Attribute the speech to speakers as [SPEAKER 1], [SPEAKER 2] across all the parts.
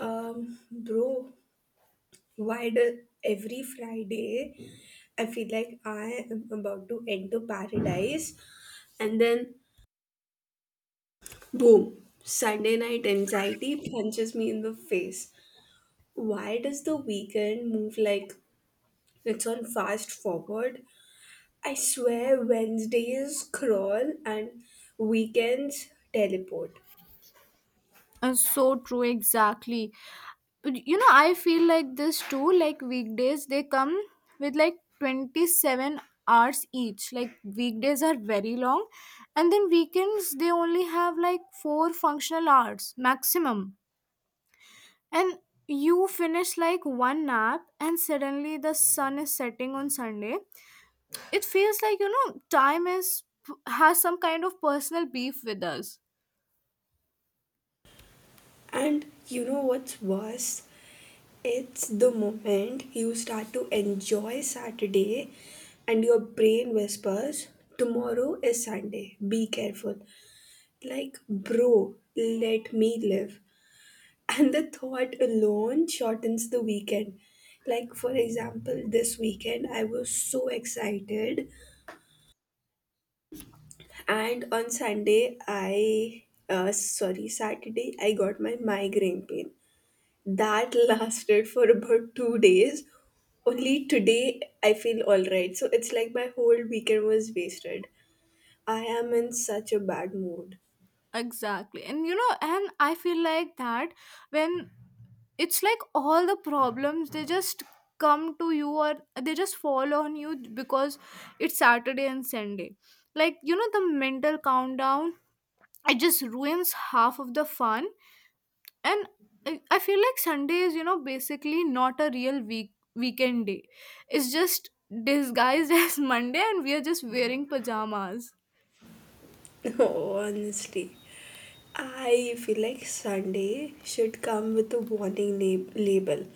[SPEAKER 1] Bro, why do every Friday I feel like I am about to enter paradise and then boom, Sunday night anxiety punches me in the face. Why does the weekend move like it's on fast forward? I swear Wednesdays crawl and weekends teleport.
[SPEAKER 2] So true, exactly. But, you know, I feel like this too. Like weekdays, they come with like 27 hours each. Like weekdays are very long, and then weekends they only have like four functional hours maximum. And you finish like one nap, and suddenly the sun is setting on Sunday. It feels like you know time is has some kind of personal beef with us.
[SPEAKER 1] And you know what's worse? It's the moment you start to enjoy Saturday and your brain whispers, tomorrow is Sunday, be careful. Like, bro, let me live. And the thought alone shortens the weekend. Like, for example, this weekend I was so excited, and on Sunday, I, sorry, Saturday, I got my migraine pain. That lasted for about 2 days. Only today I feel alright. So it's like my whole weekend was wasted. I am in such a bad mood.
[SPEAKER 2] Exactly. And you know, and I feel like that when it's like all the problems they just come to you or they just fall on you because it's Saturday and Sunday. Like, you know, the mental countdown, it just ruins half of the fun. And I feel like Sunday is, you know, basically not a real weekend day. It's just disguised as Monday and we are just wearing pajamas.
[SPEAKER 1] Honestly, I feel like Sunday should come with a warning label,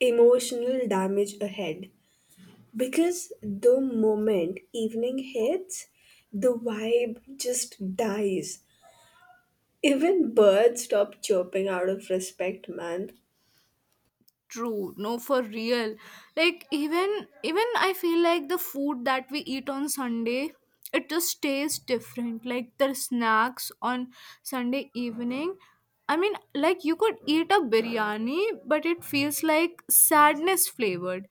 [SPEAKER 1] emotional damage ahead. Because the moment evening hits, the vibe just dies. Even birds stop chirping out of respect, man.
[SPEAKER 2] True, no, for real, like even even I feel like the food that we eat on Sunday, it just tastes different, like the snacks on Sunday evening. I mean, like you could eat a biryani but it feels like sadness flavored.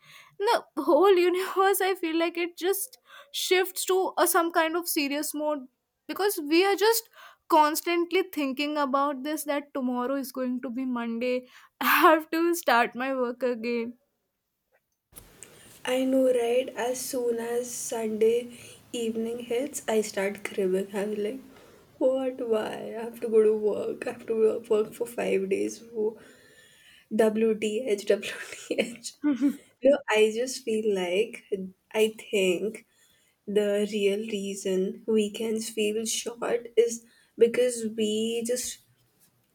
[SPEAKER 2] The whole universe I feel like it just shifts to a, some kind of serious mode because we are just constantly thinking about this that tomorrow is going to be Monday. I have to start my work again.
[SPEAKER 1] I know, right? As soon as Sunday evening hits, I start cribbing. I'm like, what? Why? I have to go to work. I have to work for 5 days. WTH, WTH. No, I just feel like I think the real reason weekends feel short is because we just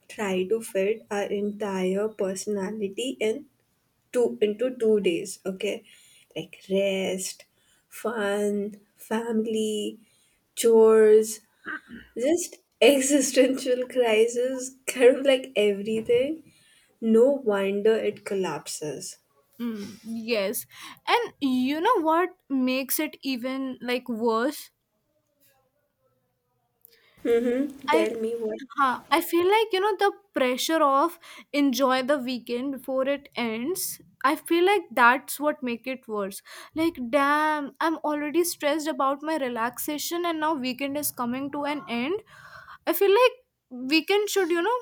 [SPEAKER 1] try to fit our entire personality in two into 2 days, okay? Like, rest, fun, family, chores, just existential crisis, kind of like everything. No wonder it collapses.
[SPEAKER 2] Yes. And you know what makes it even like worse?
[SPEAKER 1] Mm-hmm.
[SPEAKER 2] I
[SPEAKER 1] Tell me what.
[SPEAKER 2] I feel like you know the pressure of enjoy the weekend before it ends. I feel like that's what make it worse. Like damn, I'm already stressed about my relaxation and now weekend is coming to an end. I feel like weekend should, you know,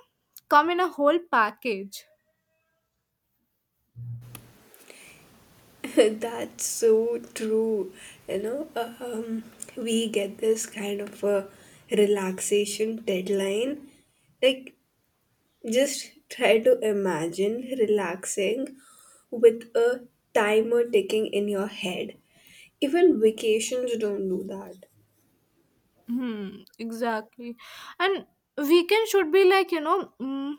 [SPEAKER 2] come in a whole package.
[SPEAKER 1] That's so true. You know, um, we get this kind of a relaxation deadline. Like, just try to imagine relaxing with a timer ticking in your head. Even vacations don't do that.
[SPEAKER 2] Exactly. And weekend should be like, you know,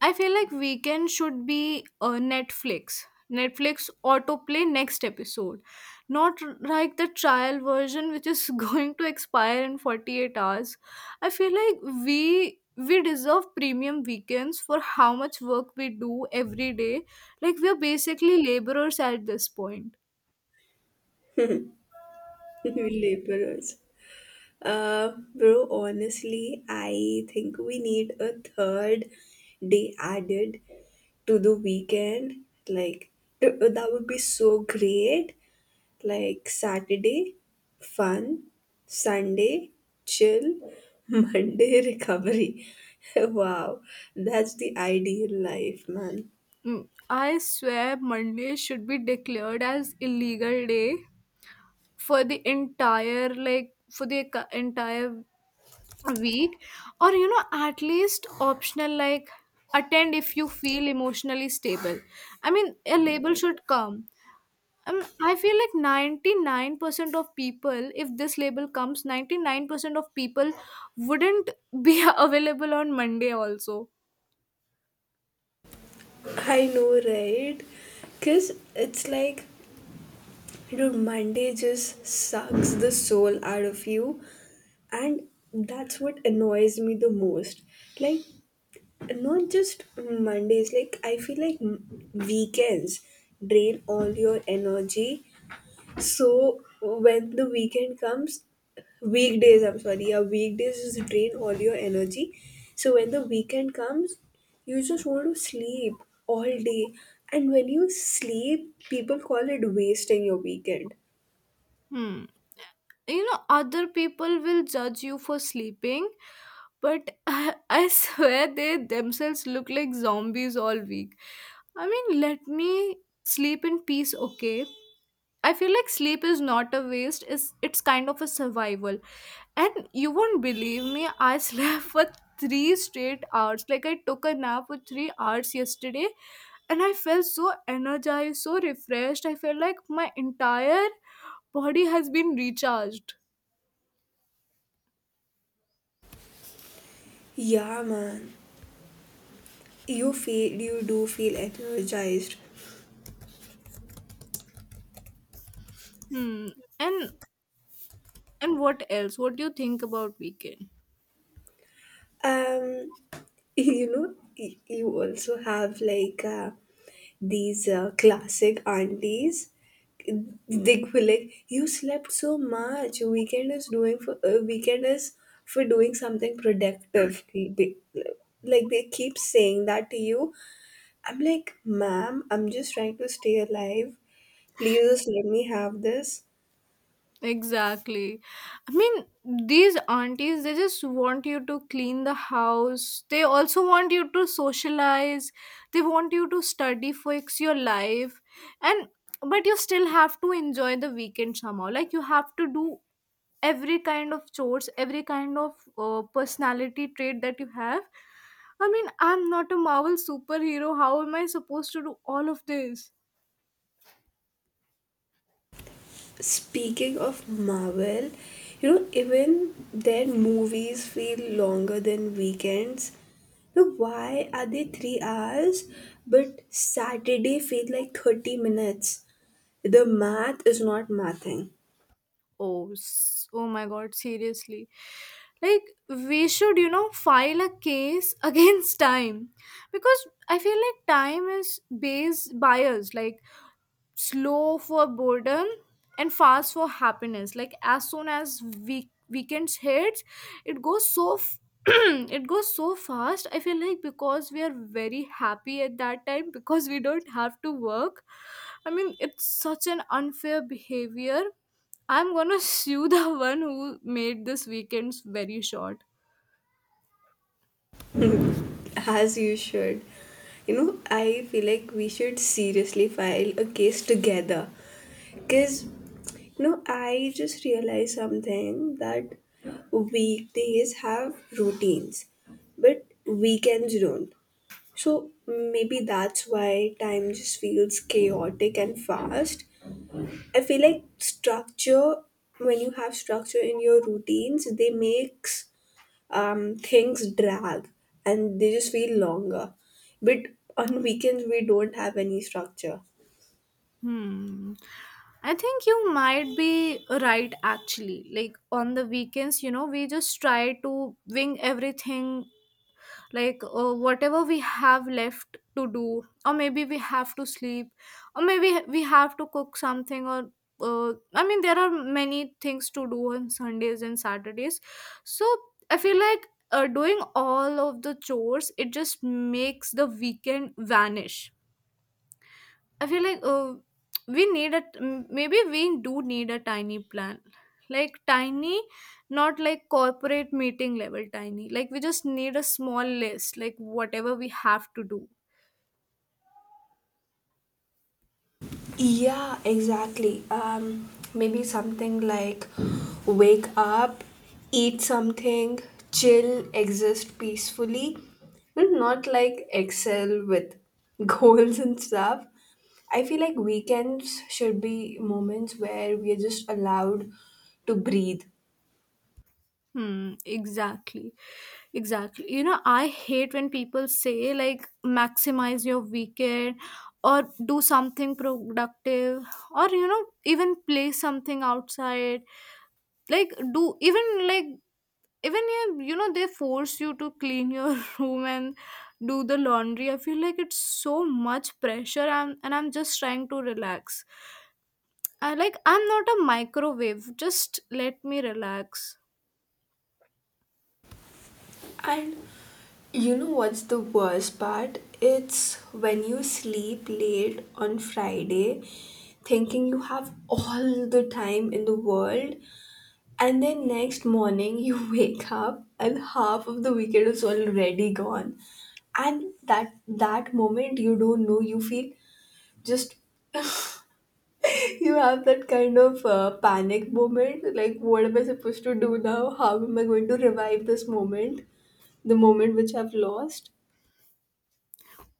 [SPEAKER 2] I feel like weekend should be a Netflix. Netflix autoplay next episode. Not r- Like the trial version which is going to expire in 48 hours. I feel like we deserve premium weekends for how much work we do every day. Like we are basically laborers at this point.
[SPEAKER 1] We laborers. Bro, honestly, I think we need a third day added to the weekend. Like, that would be so great, like, Saturday, fun, Sunday, chill, Monday, recovery. Wow, that's the ideal life, man.
[SPEAKER 2] I swear Monday should be declared as illegal day for the entire like entire week, or you know at least optional, like attend if you feel emotionally stable. I mean a label should come. I feel like 99% of people, if this label comes, 99% of people wouldn't be available on Monday also.
[SPEAKER 1] I know, right? Because it's like, dude, Monday just sucks the soul out of you, and that's what annoys me the most. Like, not just Mondays, like, I feel like weekends drain all your energy. So when the weekend comes, weekdays, I'm sorry, yeah, weekdays just drain all your energy. So when the weekend comes, you just want to sleep all day. And when you sleep, people call it wasting your weekend.
[SPEAKER 2] Hmm. You know other people will judge you for sleeping. But I swear they themselves look like zombies all week. I mean, let me sleep in peace, okay? I feel like sleep is not a waste, it's kind of a survival. And you won't believe me, I slept for three straight hours. Like, I took a nap for 3 hours yesterday and I felt so energized, so refreshed. I felt like my entire body has been recharged.
[SPEAKER 1] Yeah, man. You do feel energized.
[SPEAKER 2] Hmm. And what else? What do you think about weekend?
[SPEAKER 1] Um, you know, you also have, like, these classic aunties Dick will like, you slept so much. Weekend is doing for weekend is for doing something productive. Like they keep saying that to you. I'm like, ma'am, I'm just trying to stay alive. Please just let me have this.
[SPEAKER 2] Exactly. I mean, these aunties, they just want you to clean the house. They also want you to socialize. They want you to study, fix your life. And but you still have to enjoy the weekend somehow. Like you have to do every kind of chores, every kind of personality trait that you have. I mean, I'm not a Marvel superhero. How am I supposed to do all of this?
[SPEAKER 1] Speaking of Marvel, you know, even their movies feel longer than weekends. Now, why are they 3 hours, but Saturday feel like 30 minutes? The math is not mathing.
[SPEAKER 2] Oh my god, seriously. Like, we should, you know, file a case against time because I feel like time is base biased. Like, slow for boredom and fast for happiness. Like as soon as weekends hits, it it goes so fast. I feel like because we are very happy at that time, because we don't have to work. I mean, it's such an unfair behavior. I'm gonna sue the one who made this weekends very short.
[SPEAKER 1] As you should. You know, I feel like we should seriously file a case together, because, you know, I just realized something, that weekdays have routines but weekends don't. So maybe that's why time just feels chaotic and fast. I feel like structure, when you have structure in your routines, they makes things drag and they just feel longer. But on weekends, we don't have any structure.
[SPEAKER 2] Hmm. I think you might be right actually. Like on the weekends, you know, we just try to wing everything, like whatever we have left to do, or maybe we have to sleep, or maybe we have to cook something, or I mean, there are many things to do on Sundays and Saturdays. So I feel like doing all of the chores, it just makes the weekend vanish. I feel like we maybe we do need a tiny plan, like tiny, not like corporate meeting level tiny. Like we just need a small list, like whatever we have to do.
[SPEAKER 1] Yeah, exactly. Maybe something like wake up, eat something, chill, exist peacefully, but not like excel with goals and stuff. I feel like weekends should be moments where we are just allowed to breathe.
[SPEAKER 2] Hmm. Exactly. Exactly. You know, I hate when people say like maximize your weekend or do something productive, or you know even play something outside, like do even like even yeah, you know they force you to clean your room and do the laundry. I feel like it's so much pressure. I'm just trying to relax. I'm not a microwave, just let me relax.
[SPEAKER 1] And you know what's the worst part? It's when you sleep late on Friday, thinking you have all the time in the world, and then next morning you wake up and half of the weekend is already gone. And that moment, you don't know, you feel just you have that kind of panic moment, like, what am I supposed to do now? How am I going to revive this moment, the moment which I've lost?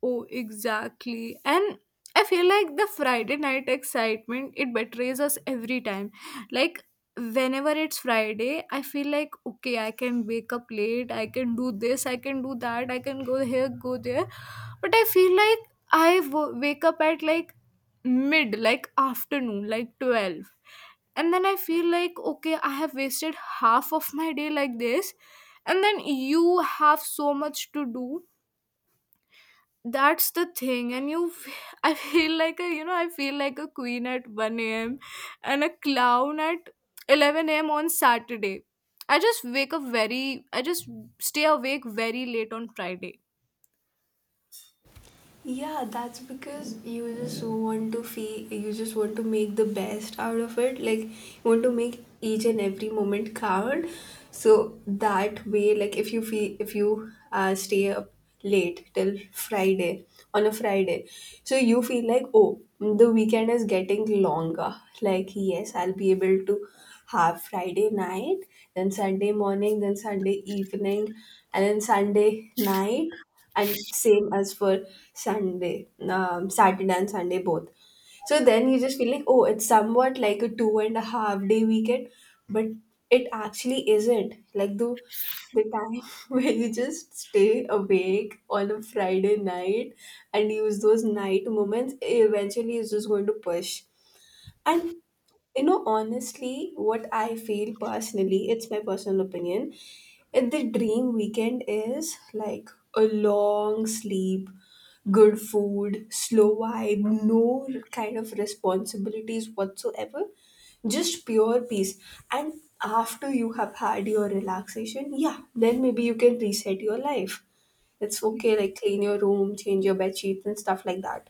[SPEAKER 2] Oh, exactly. And I feel like the Friday night excitement, it betrays us every time. Like, whenever it's Friday, I feel like, okay, I can wake up late, I can do this, I can do that, I can go here, go there. But I feel like wake up at like like afternoon, like 12. And then I feel like, okay, I have wasted half of my day like this. And then you have so much to do, that's the thing. And I feel like a I feel like a queen at 1 a.m. and a clown at 11 a.m. on Saturday. I just stay awake very late on Friday.
[SPEAKER 1] Yeah, that's because you just want to feel, you just want to make the best out of it. Like, you want to make each and every moment count. So that way, like, if you stay up late till Friday, on a Friday, so you feel like, oh, the weekend is getting longer. Like, yes, I'll be able to have Friday night, then Sunday morning, then Sunday evening, and then Sunday night, and same as for Sunday, Saturday and Sunday both. So then you just feel like, oh, it's somewhat like a 2.5-day weekend, but it actually isn't. Like the time where you just stay awake on a Friday night and use those night moments eventually is just going to push. And, you know, honestly, what I feel personally, it's my personal opinion. And the dream weekend is like a long sleep, good food, slow vibe, no kind of responsibilities whatsoever, just pure peace. And after you have had your relaxation, yeah, then maybe you can reset your life. It's okay, like clean your room, change your bed sheets, and stuff like that.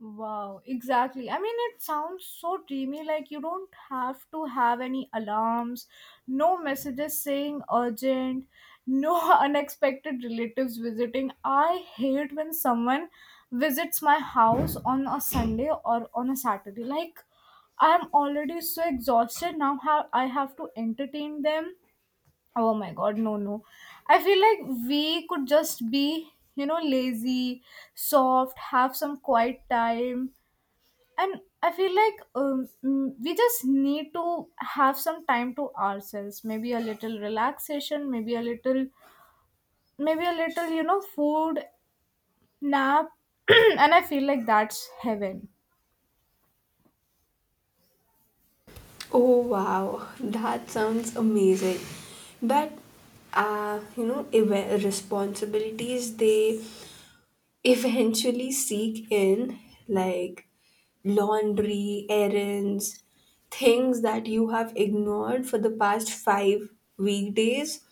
[SPEAKER 2] Wow, exactly. I mean, it sounds so dreamy. Like, you don't have to have any alarms, no messages saying urgent, no unexpected relatives visiting. I hate when someone visits my house on a Sunday or on a Saturday. Like, I'm already so exhausted. I have to entertain them. Oh my god, no, no. I feel like we could just be, you know, lazy, soft, have some quiet time. And I feel like we just need to have some time to ourselves, maybe a little relaxation, maybe a little you know food, nap. And I feel like that's heaven.
[SPEAKER 1] Oh wow, that sounds amazing. But, you know, responsibilities, they eventually seek in, like, laundry, errands, things that you have ignored for the past 5 weekdays,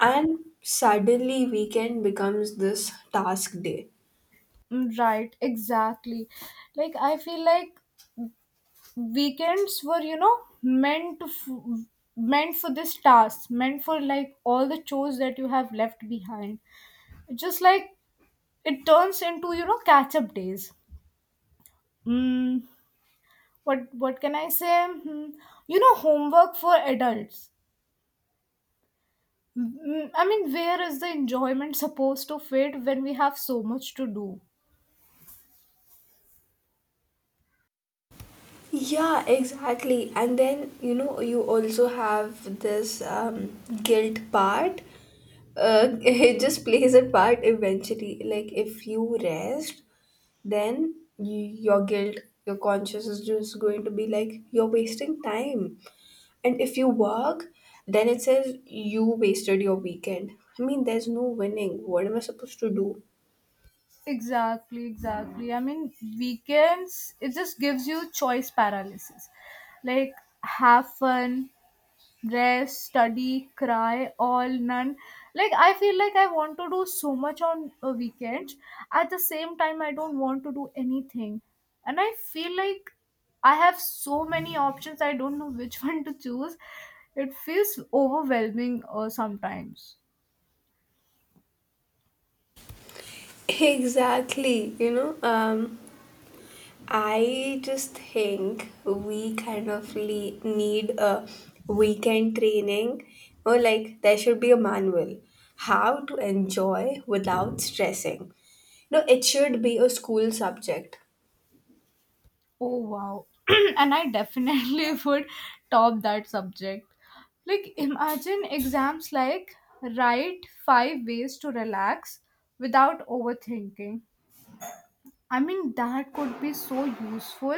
[SPEAKER 1] and suddenly weekend becomes this task day.
[SPEAKER 2] Right, exactly. Like I feel like weekends were you know meant to f- meant for this task, meant for like all the chores that you have left behind. Just like it turns into you know catch up days. Mm, what can I say? Hmm, you know, homework for adults. Mm, I mean, where is the enjoyment supposed to fit when we have so much to do?
[SPEAKER 1] Yeah, exactly. And then, you know, you also have this guilt part. It just plays a part eventually. Like, if you rest, then your guilt, your conscience is just going to be like you're wasting time. And if you work, then it says you wasted your weekend. I mean, there's no winning. What am I supposed to do?
[SPEAKER 2] Exactly, exactly. I mean, weekends, it just gives you choice paralysis. Like, have fun, rest, study, cry, all, none. Like I feel like I want to do so much on weekends, at the same time I don't want to do anything. And I feel like I have so many options, I don't know which one to choose. It feels overwhelming sometimes.
[SPEAKER 1] Exactly. You know. I just think we kind of need a weekend training, or like there should be a manual, how to enjoy without stressing. No, it should be a school subject.
[SPEAKER 2] Oh wow. And I definitely would top that subject. Like imagine exams like write five ways to relax without overthinking. I mean, that could be so useful.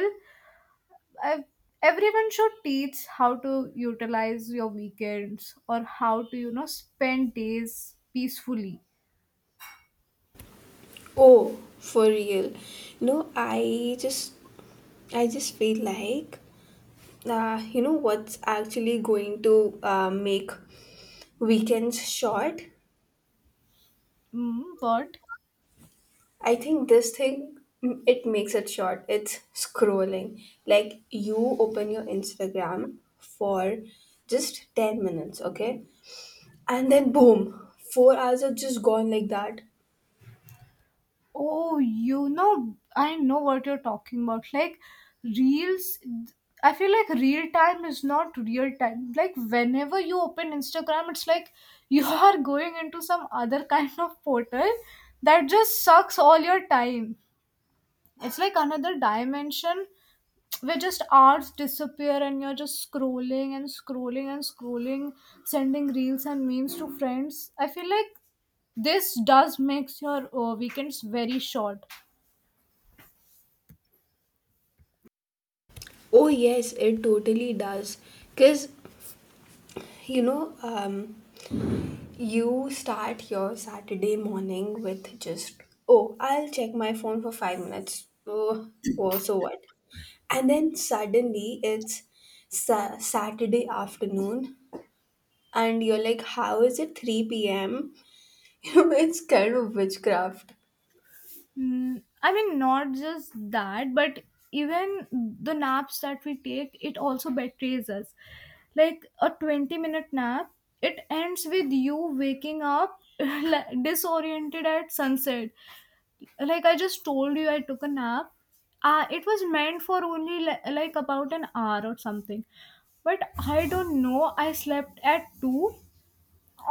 [SPEAKER 2] I, Everyone should teach how to utilize your weekends or how to, you know, spend days peacefully.
[SPEAKER 1] Oh, for real. No, I just feel like, you know what's actually going to make weekends short?
[SPEAKER 2] Mm, but,
[SPEAKER 1] I think this thing, it makes it short. It's scrolling. Like you open your Instagram for just 10 minutes, okay? And then boom, 4 hours are just gone like that.
[SPEAKER 2] oh, you know, I know what you're talking about. Like, reels, I feel like real time is not real time. Like, whenever you open Instagram, it's like you are going into some other kind of portal that just sucks all your time. It's like another dimension where just hours disappear and you're just scrolling and scrolling and scrolling, sending reels and memes to friends. I feel like this does makes your weekends very short.
[SPEAKER 1] Oh yes, it totally does. Cuz, you know, you start your Saturday morning with just, oh, I'll check my phone for 5 minutes. Oh, oh so what? And then suddenly it's Saturday afternoon and you're like, how is it 3 p.m.? You know, it's kind of witchcraft.
[SPEAKER 2] Mm, I mean, not just that, but even the naps that we take, it also betrays us. Like a 20-minute nap, it ends with you waking up like disoriented at sunset. Like I just told you, I took a nap, it was meant for only like about an hour or something. But I don't know, I slept at 2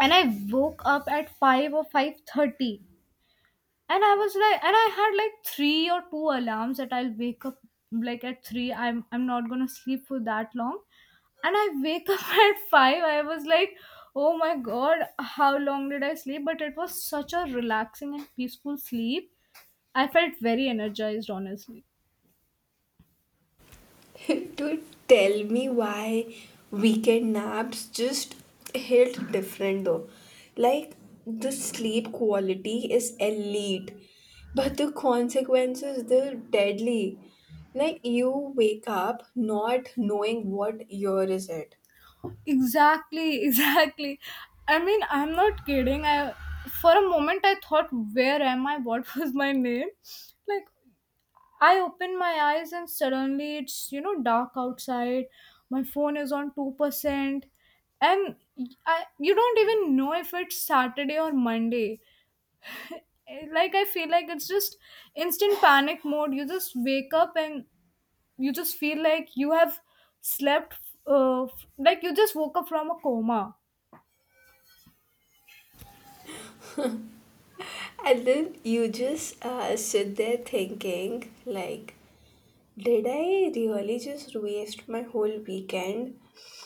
[SPEAKER 2] and I woke up at 5 or 5:30. And I was like, and I had like three or two alarms that I'll wake up like at 3, I'm not gonna sleep for that long. And I wake up at 5, I was like, oh my god, how long did I sleep? But it was such a relaxing and peaceful sleep. I felt very energized, honestly.
[SPEAKER 1] To tell me why weekend naps just hit different though. Like, the sleep quality is elite, but the consequences, they're deadly. Like, you wake up not knowing what year is it.
[SPEAKER 2] Exactly, exactly. I mean, I'm not kidding. I For a moment I thought, where am I? What was my name? Like I opened my eyes and suddenly it's you know dark outside. My phone is on 2%, and I you don't even know if it's Saturday or Monday. Like I feel like it's just instant panic mode. You just wake up and you just feel like you have slept like you just woke up from a coma.
[SPEAKER 1] And then you just sit there thinking, like, did I really just waste my whole weekend?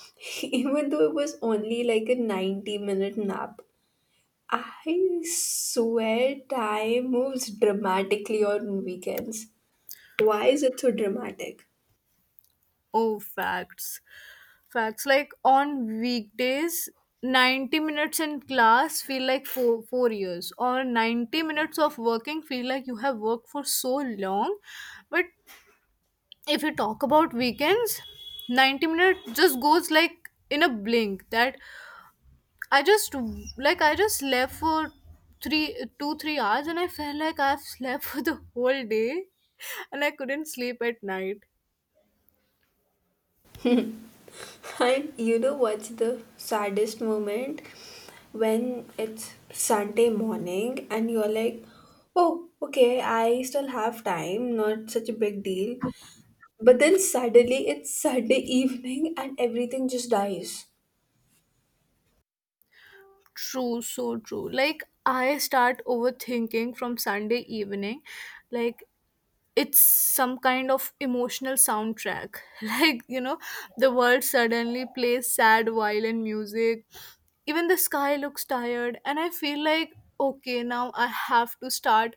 [SPEAKER 1] Even though it was only like a 90-minute nap. I swear time moves dramatically on weekends. Why is it so dramatic?
[SPEAKER 2] Oh, facts. Facts, like on weekdays, 90 minutes in class feel like four years, or 90 minutes of working feel like you have worked for so long. But if you talk about weekends, 90 minutes just goes like in a blink. That I just like I just slept for three hours and I felt like I've slept for the whole day and I couldn't sleep at night.
[SPEAKER 1] And you know what's the saddest moment? When it's Sunday morning and you're like, oh, okay, I still have time, not such a big deal. But then suddenly it's Sunday evening and everything just dies.
[SPEAKER 2] True, so true. Like I start overthinking from Sunday evening. Like it's some kind of emotional soundtrack, like you know the world suddenly plays sad violin music, even the sky looks tired and I feel like, okay, now I have to start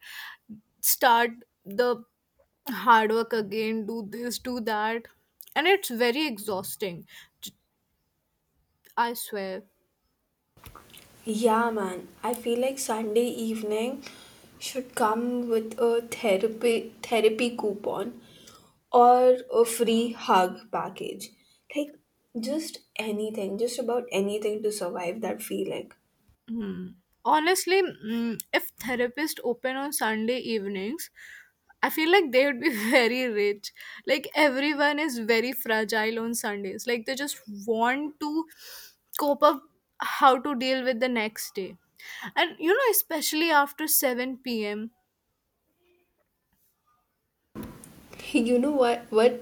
[SPEAKER 2] start the hard work again, do this, do that, and it's very exhausting. J- I swear.
[SPEAKER 1] Yeah, man. I feel like Sunday evening should come with a therapy coupon, or a free hug package. Like, just anything, just about anything to survive that feeling.
[SPEAKER 2] Hmm. Honestly, if therapist open on Sunday evenings, I feel like they would be very rich. Like everyone is very fragile on Sundays. Like they just want to cope up, how to deal with the next day. And you know, especially after 7 p.m.,
[SPEAKER 1] You know what what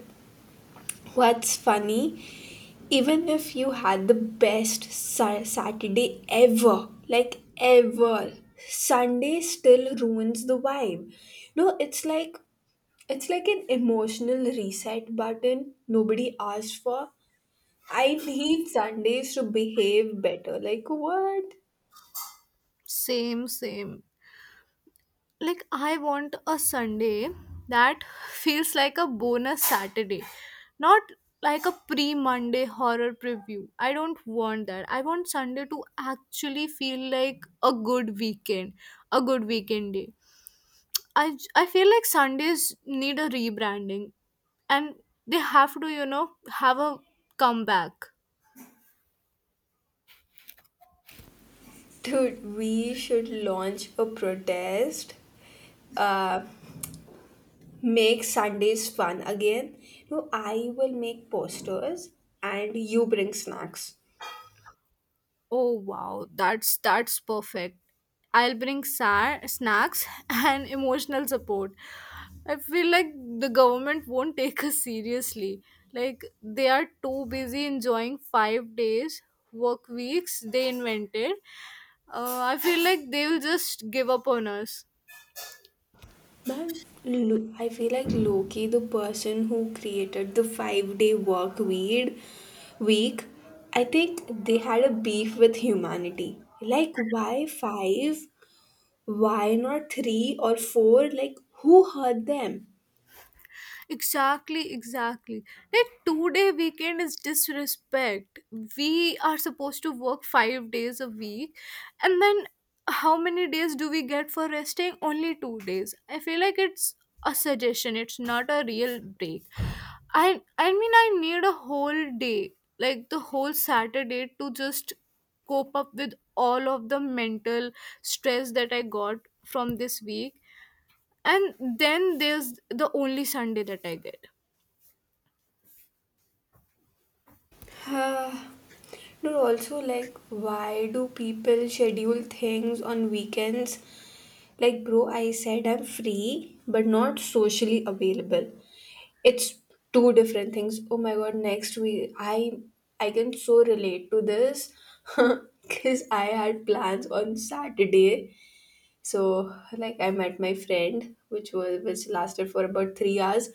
[SPEAKER 1] What's funny, even if you had the best Saturday ever, like ever, Sunday still ruins the vibe. No, it's like an emotional reset button nobody asked for. I need Sundays to behave better. Like what?
[SPEAKER 2] same. Like I want a Sunday that feels like a bonus Saturday, not like a pre Monday horror preview. I don't want that. I want Sunday to actually feel like a good weekend, a good weekend day. I feel like Sundays need a rebranding and they have to, you know, have a comeback.
[SPEAKER 1] Dude, we should launch a protest, uh, make Sundays fun again. No, I will make posters and you bring snacks.
[SPEAKER 2] Oh wow, that's perfect. I'll bring snacks and emotional support. I feel like the government won't take us seriously. Like they are too busy enjoying 5 days work weeks they invented. I feel like they will just give up on us.
[SPEAKER 1] Man, I feel like Loki, the person who created the 5-day work weed week, I think they had a beef with humanity. Like, why five? Why not three or four? Like, who hurt them?
[SPEAKER 2] Exactly, exactly. That 2 day weekend is disrespect. We are supposed to work 5 days a week, and then how many days do we get for resting? Only 2 days. I feel like it's a suggestion, it's not a real break. I mean, I need a whole day, like the whole Saturday, to just cope up with all of the mental stress that I got from this week. And then there's the only Sunday that I get.
[SPEAKER 1] Uh, No, also, like, why do people schedule things on weekends? Like, bro, I said I'm free, but not socially available. It's two different things. Oh my god, next week I can so relate to this because I had plans on Saturday. So, like, I met my friend, which lasted for about 3 hours.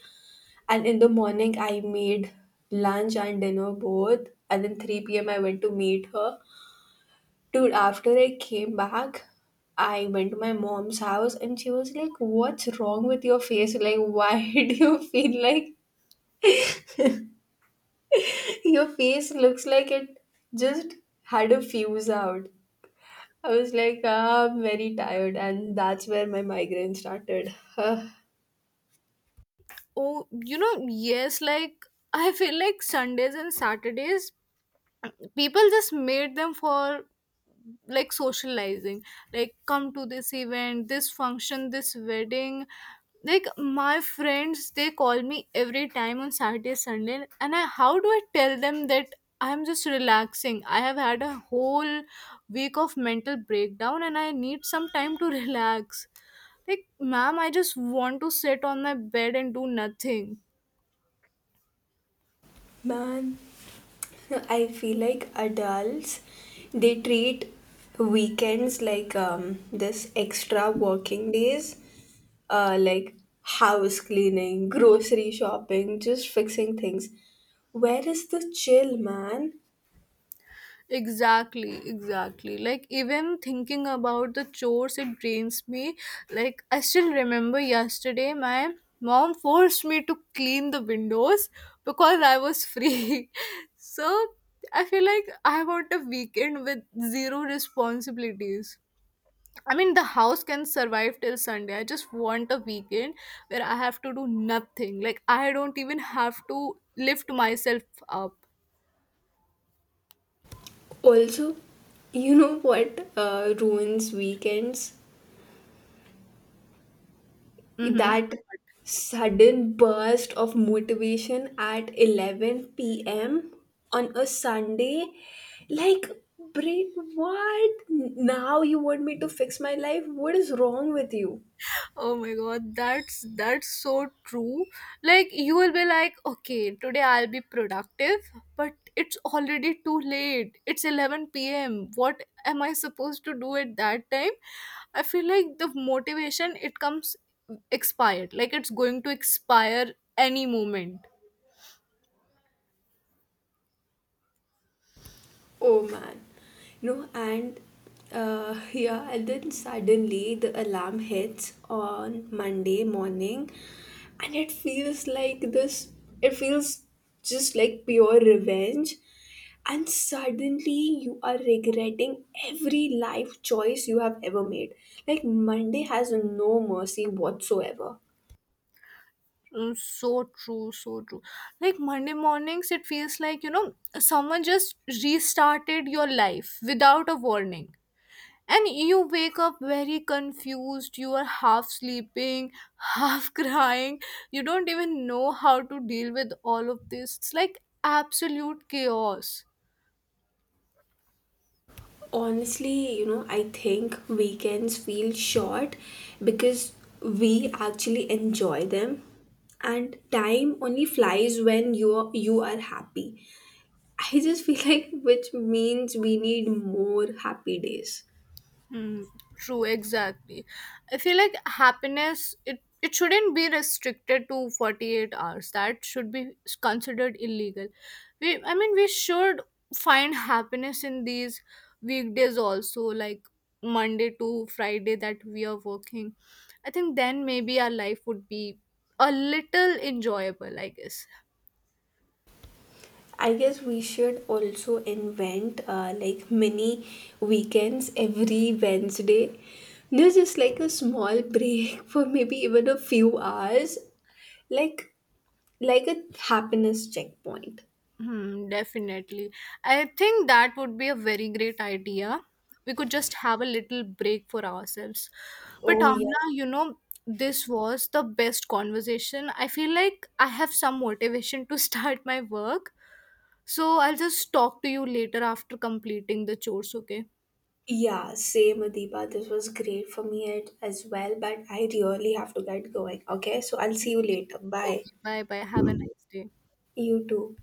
[SPEAKER 1] And in the morning I made lunch and dinner both. And then 3 p.m. I went to meet her. Dude, after I came back, I went to my mom's house and she was like, what's wrong with your face? Like, why do you feel like your face looks like it just had a fuse out? I was like, Ah, I'm very tired, and that's where my migraine started.
[SPEAKER 2] Oh, you know, yes, like I feel like Sundays and Saturdays, people just made them for like socializing. Like, come to this event, this function, this wedding. Like, my friends, they call me every time on Saturday, Sunday, and I, how do I tell them that I'm just relaxing? I have had a whole week of mental breakdown and I need some time to relax. Like, ma'am, I just want to sit on my bed and do nothing.
[SPEAKER 1] Man, I feel like adults, they treat weekends like this extra working days, like house cleaning, grocery shopping, just fixing things. Where is the chill, man?
[SPEAKER 2] Exactly, exactly. Like even thinking about the chores, it drains me. Like I still remember yesterday, my mom forced me to clean the windows because I was free. So I feel like I want a weekend with zero responsibilities. I mean, the house can survive till Sunday. I just want a weekend where I have to do nothing. Like I don't even have to lift myself up.
[SPEAKER 1] Also, you know what ruins weekends?
[SPEAKER 2] Mm-hmm.
[SPEAKER 1] That sudden burst of motivation at 11 p.m. on a Sunday, like, brain, what? Now you want me to fix my life? What is wrong with you?
[SPEAKER 2] Oh my god, that's so true. Like you will be like, okay, today I'll be productive, but it's already too late. It's 11 p.m. What am I supposed to do at that time? I feel like the motivation, it comes expired. Like it's going to expire any moment.
[SPEAKER 1] Oh man. You know, and yeah, and then suddenly the alarm hits on Monday morning, and it feels just like pure revenge. And suddenly you are regretting every life choice you have ever made. Like, Monday has no mercy whatsoever.
[SPEAKER 2] Mm. So true, so true. Like Monday mornings, it feels like, you know, someone just restarted your life without a warning, and you wake up very confused. You are half sleeping, half crying. You don't even know how to deal with all of this. It's like absolute chaos.
[SPEAKER 1] Honestly, you know, I think weekends feel short because we actually enjoy them and time only flies when you are, happy. I just feel like, which means we need more happy days.
[SPEAKER 2] Hmm, true, exactly. I feel like happiness, it shouldn't be restricted to 48 hours. That should be considered illegal. We I mean we should find happiness in these weekdays also, like Monday to Friday that we are working. I think then maybe our life would be a little enjoyable, I guess.
[SPEAKER 1] I guess we should also invent, like, mini weekends every Wednesday. There's just like a small break for maybe even a few hours, like, a happiness checkpoint.
[SPEAKER 2] Hmm, definitely. I think that would be a very great idea. We could just have a little break for ourselves. But
[SPEAKER 1] Oh,
[SPEAKER 2] Amna,
[SPEAKER 1] yes.
[SPEAKER 2] you know, this was the best conversation. I feel like I have some motivation to start my work. So I'll just talk to you later after completing the chores, okay?
[SPEAKER 1] Yeah, same, Adiba. This was great for me as well, but I really have to get going. Okay, so I'll see you later. Bye.
[SPEAKER 2] Okay, bye bye. Have a nice day.
[SPEAKER 1] You too.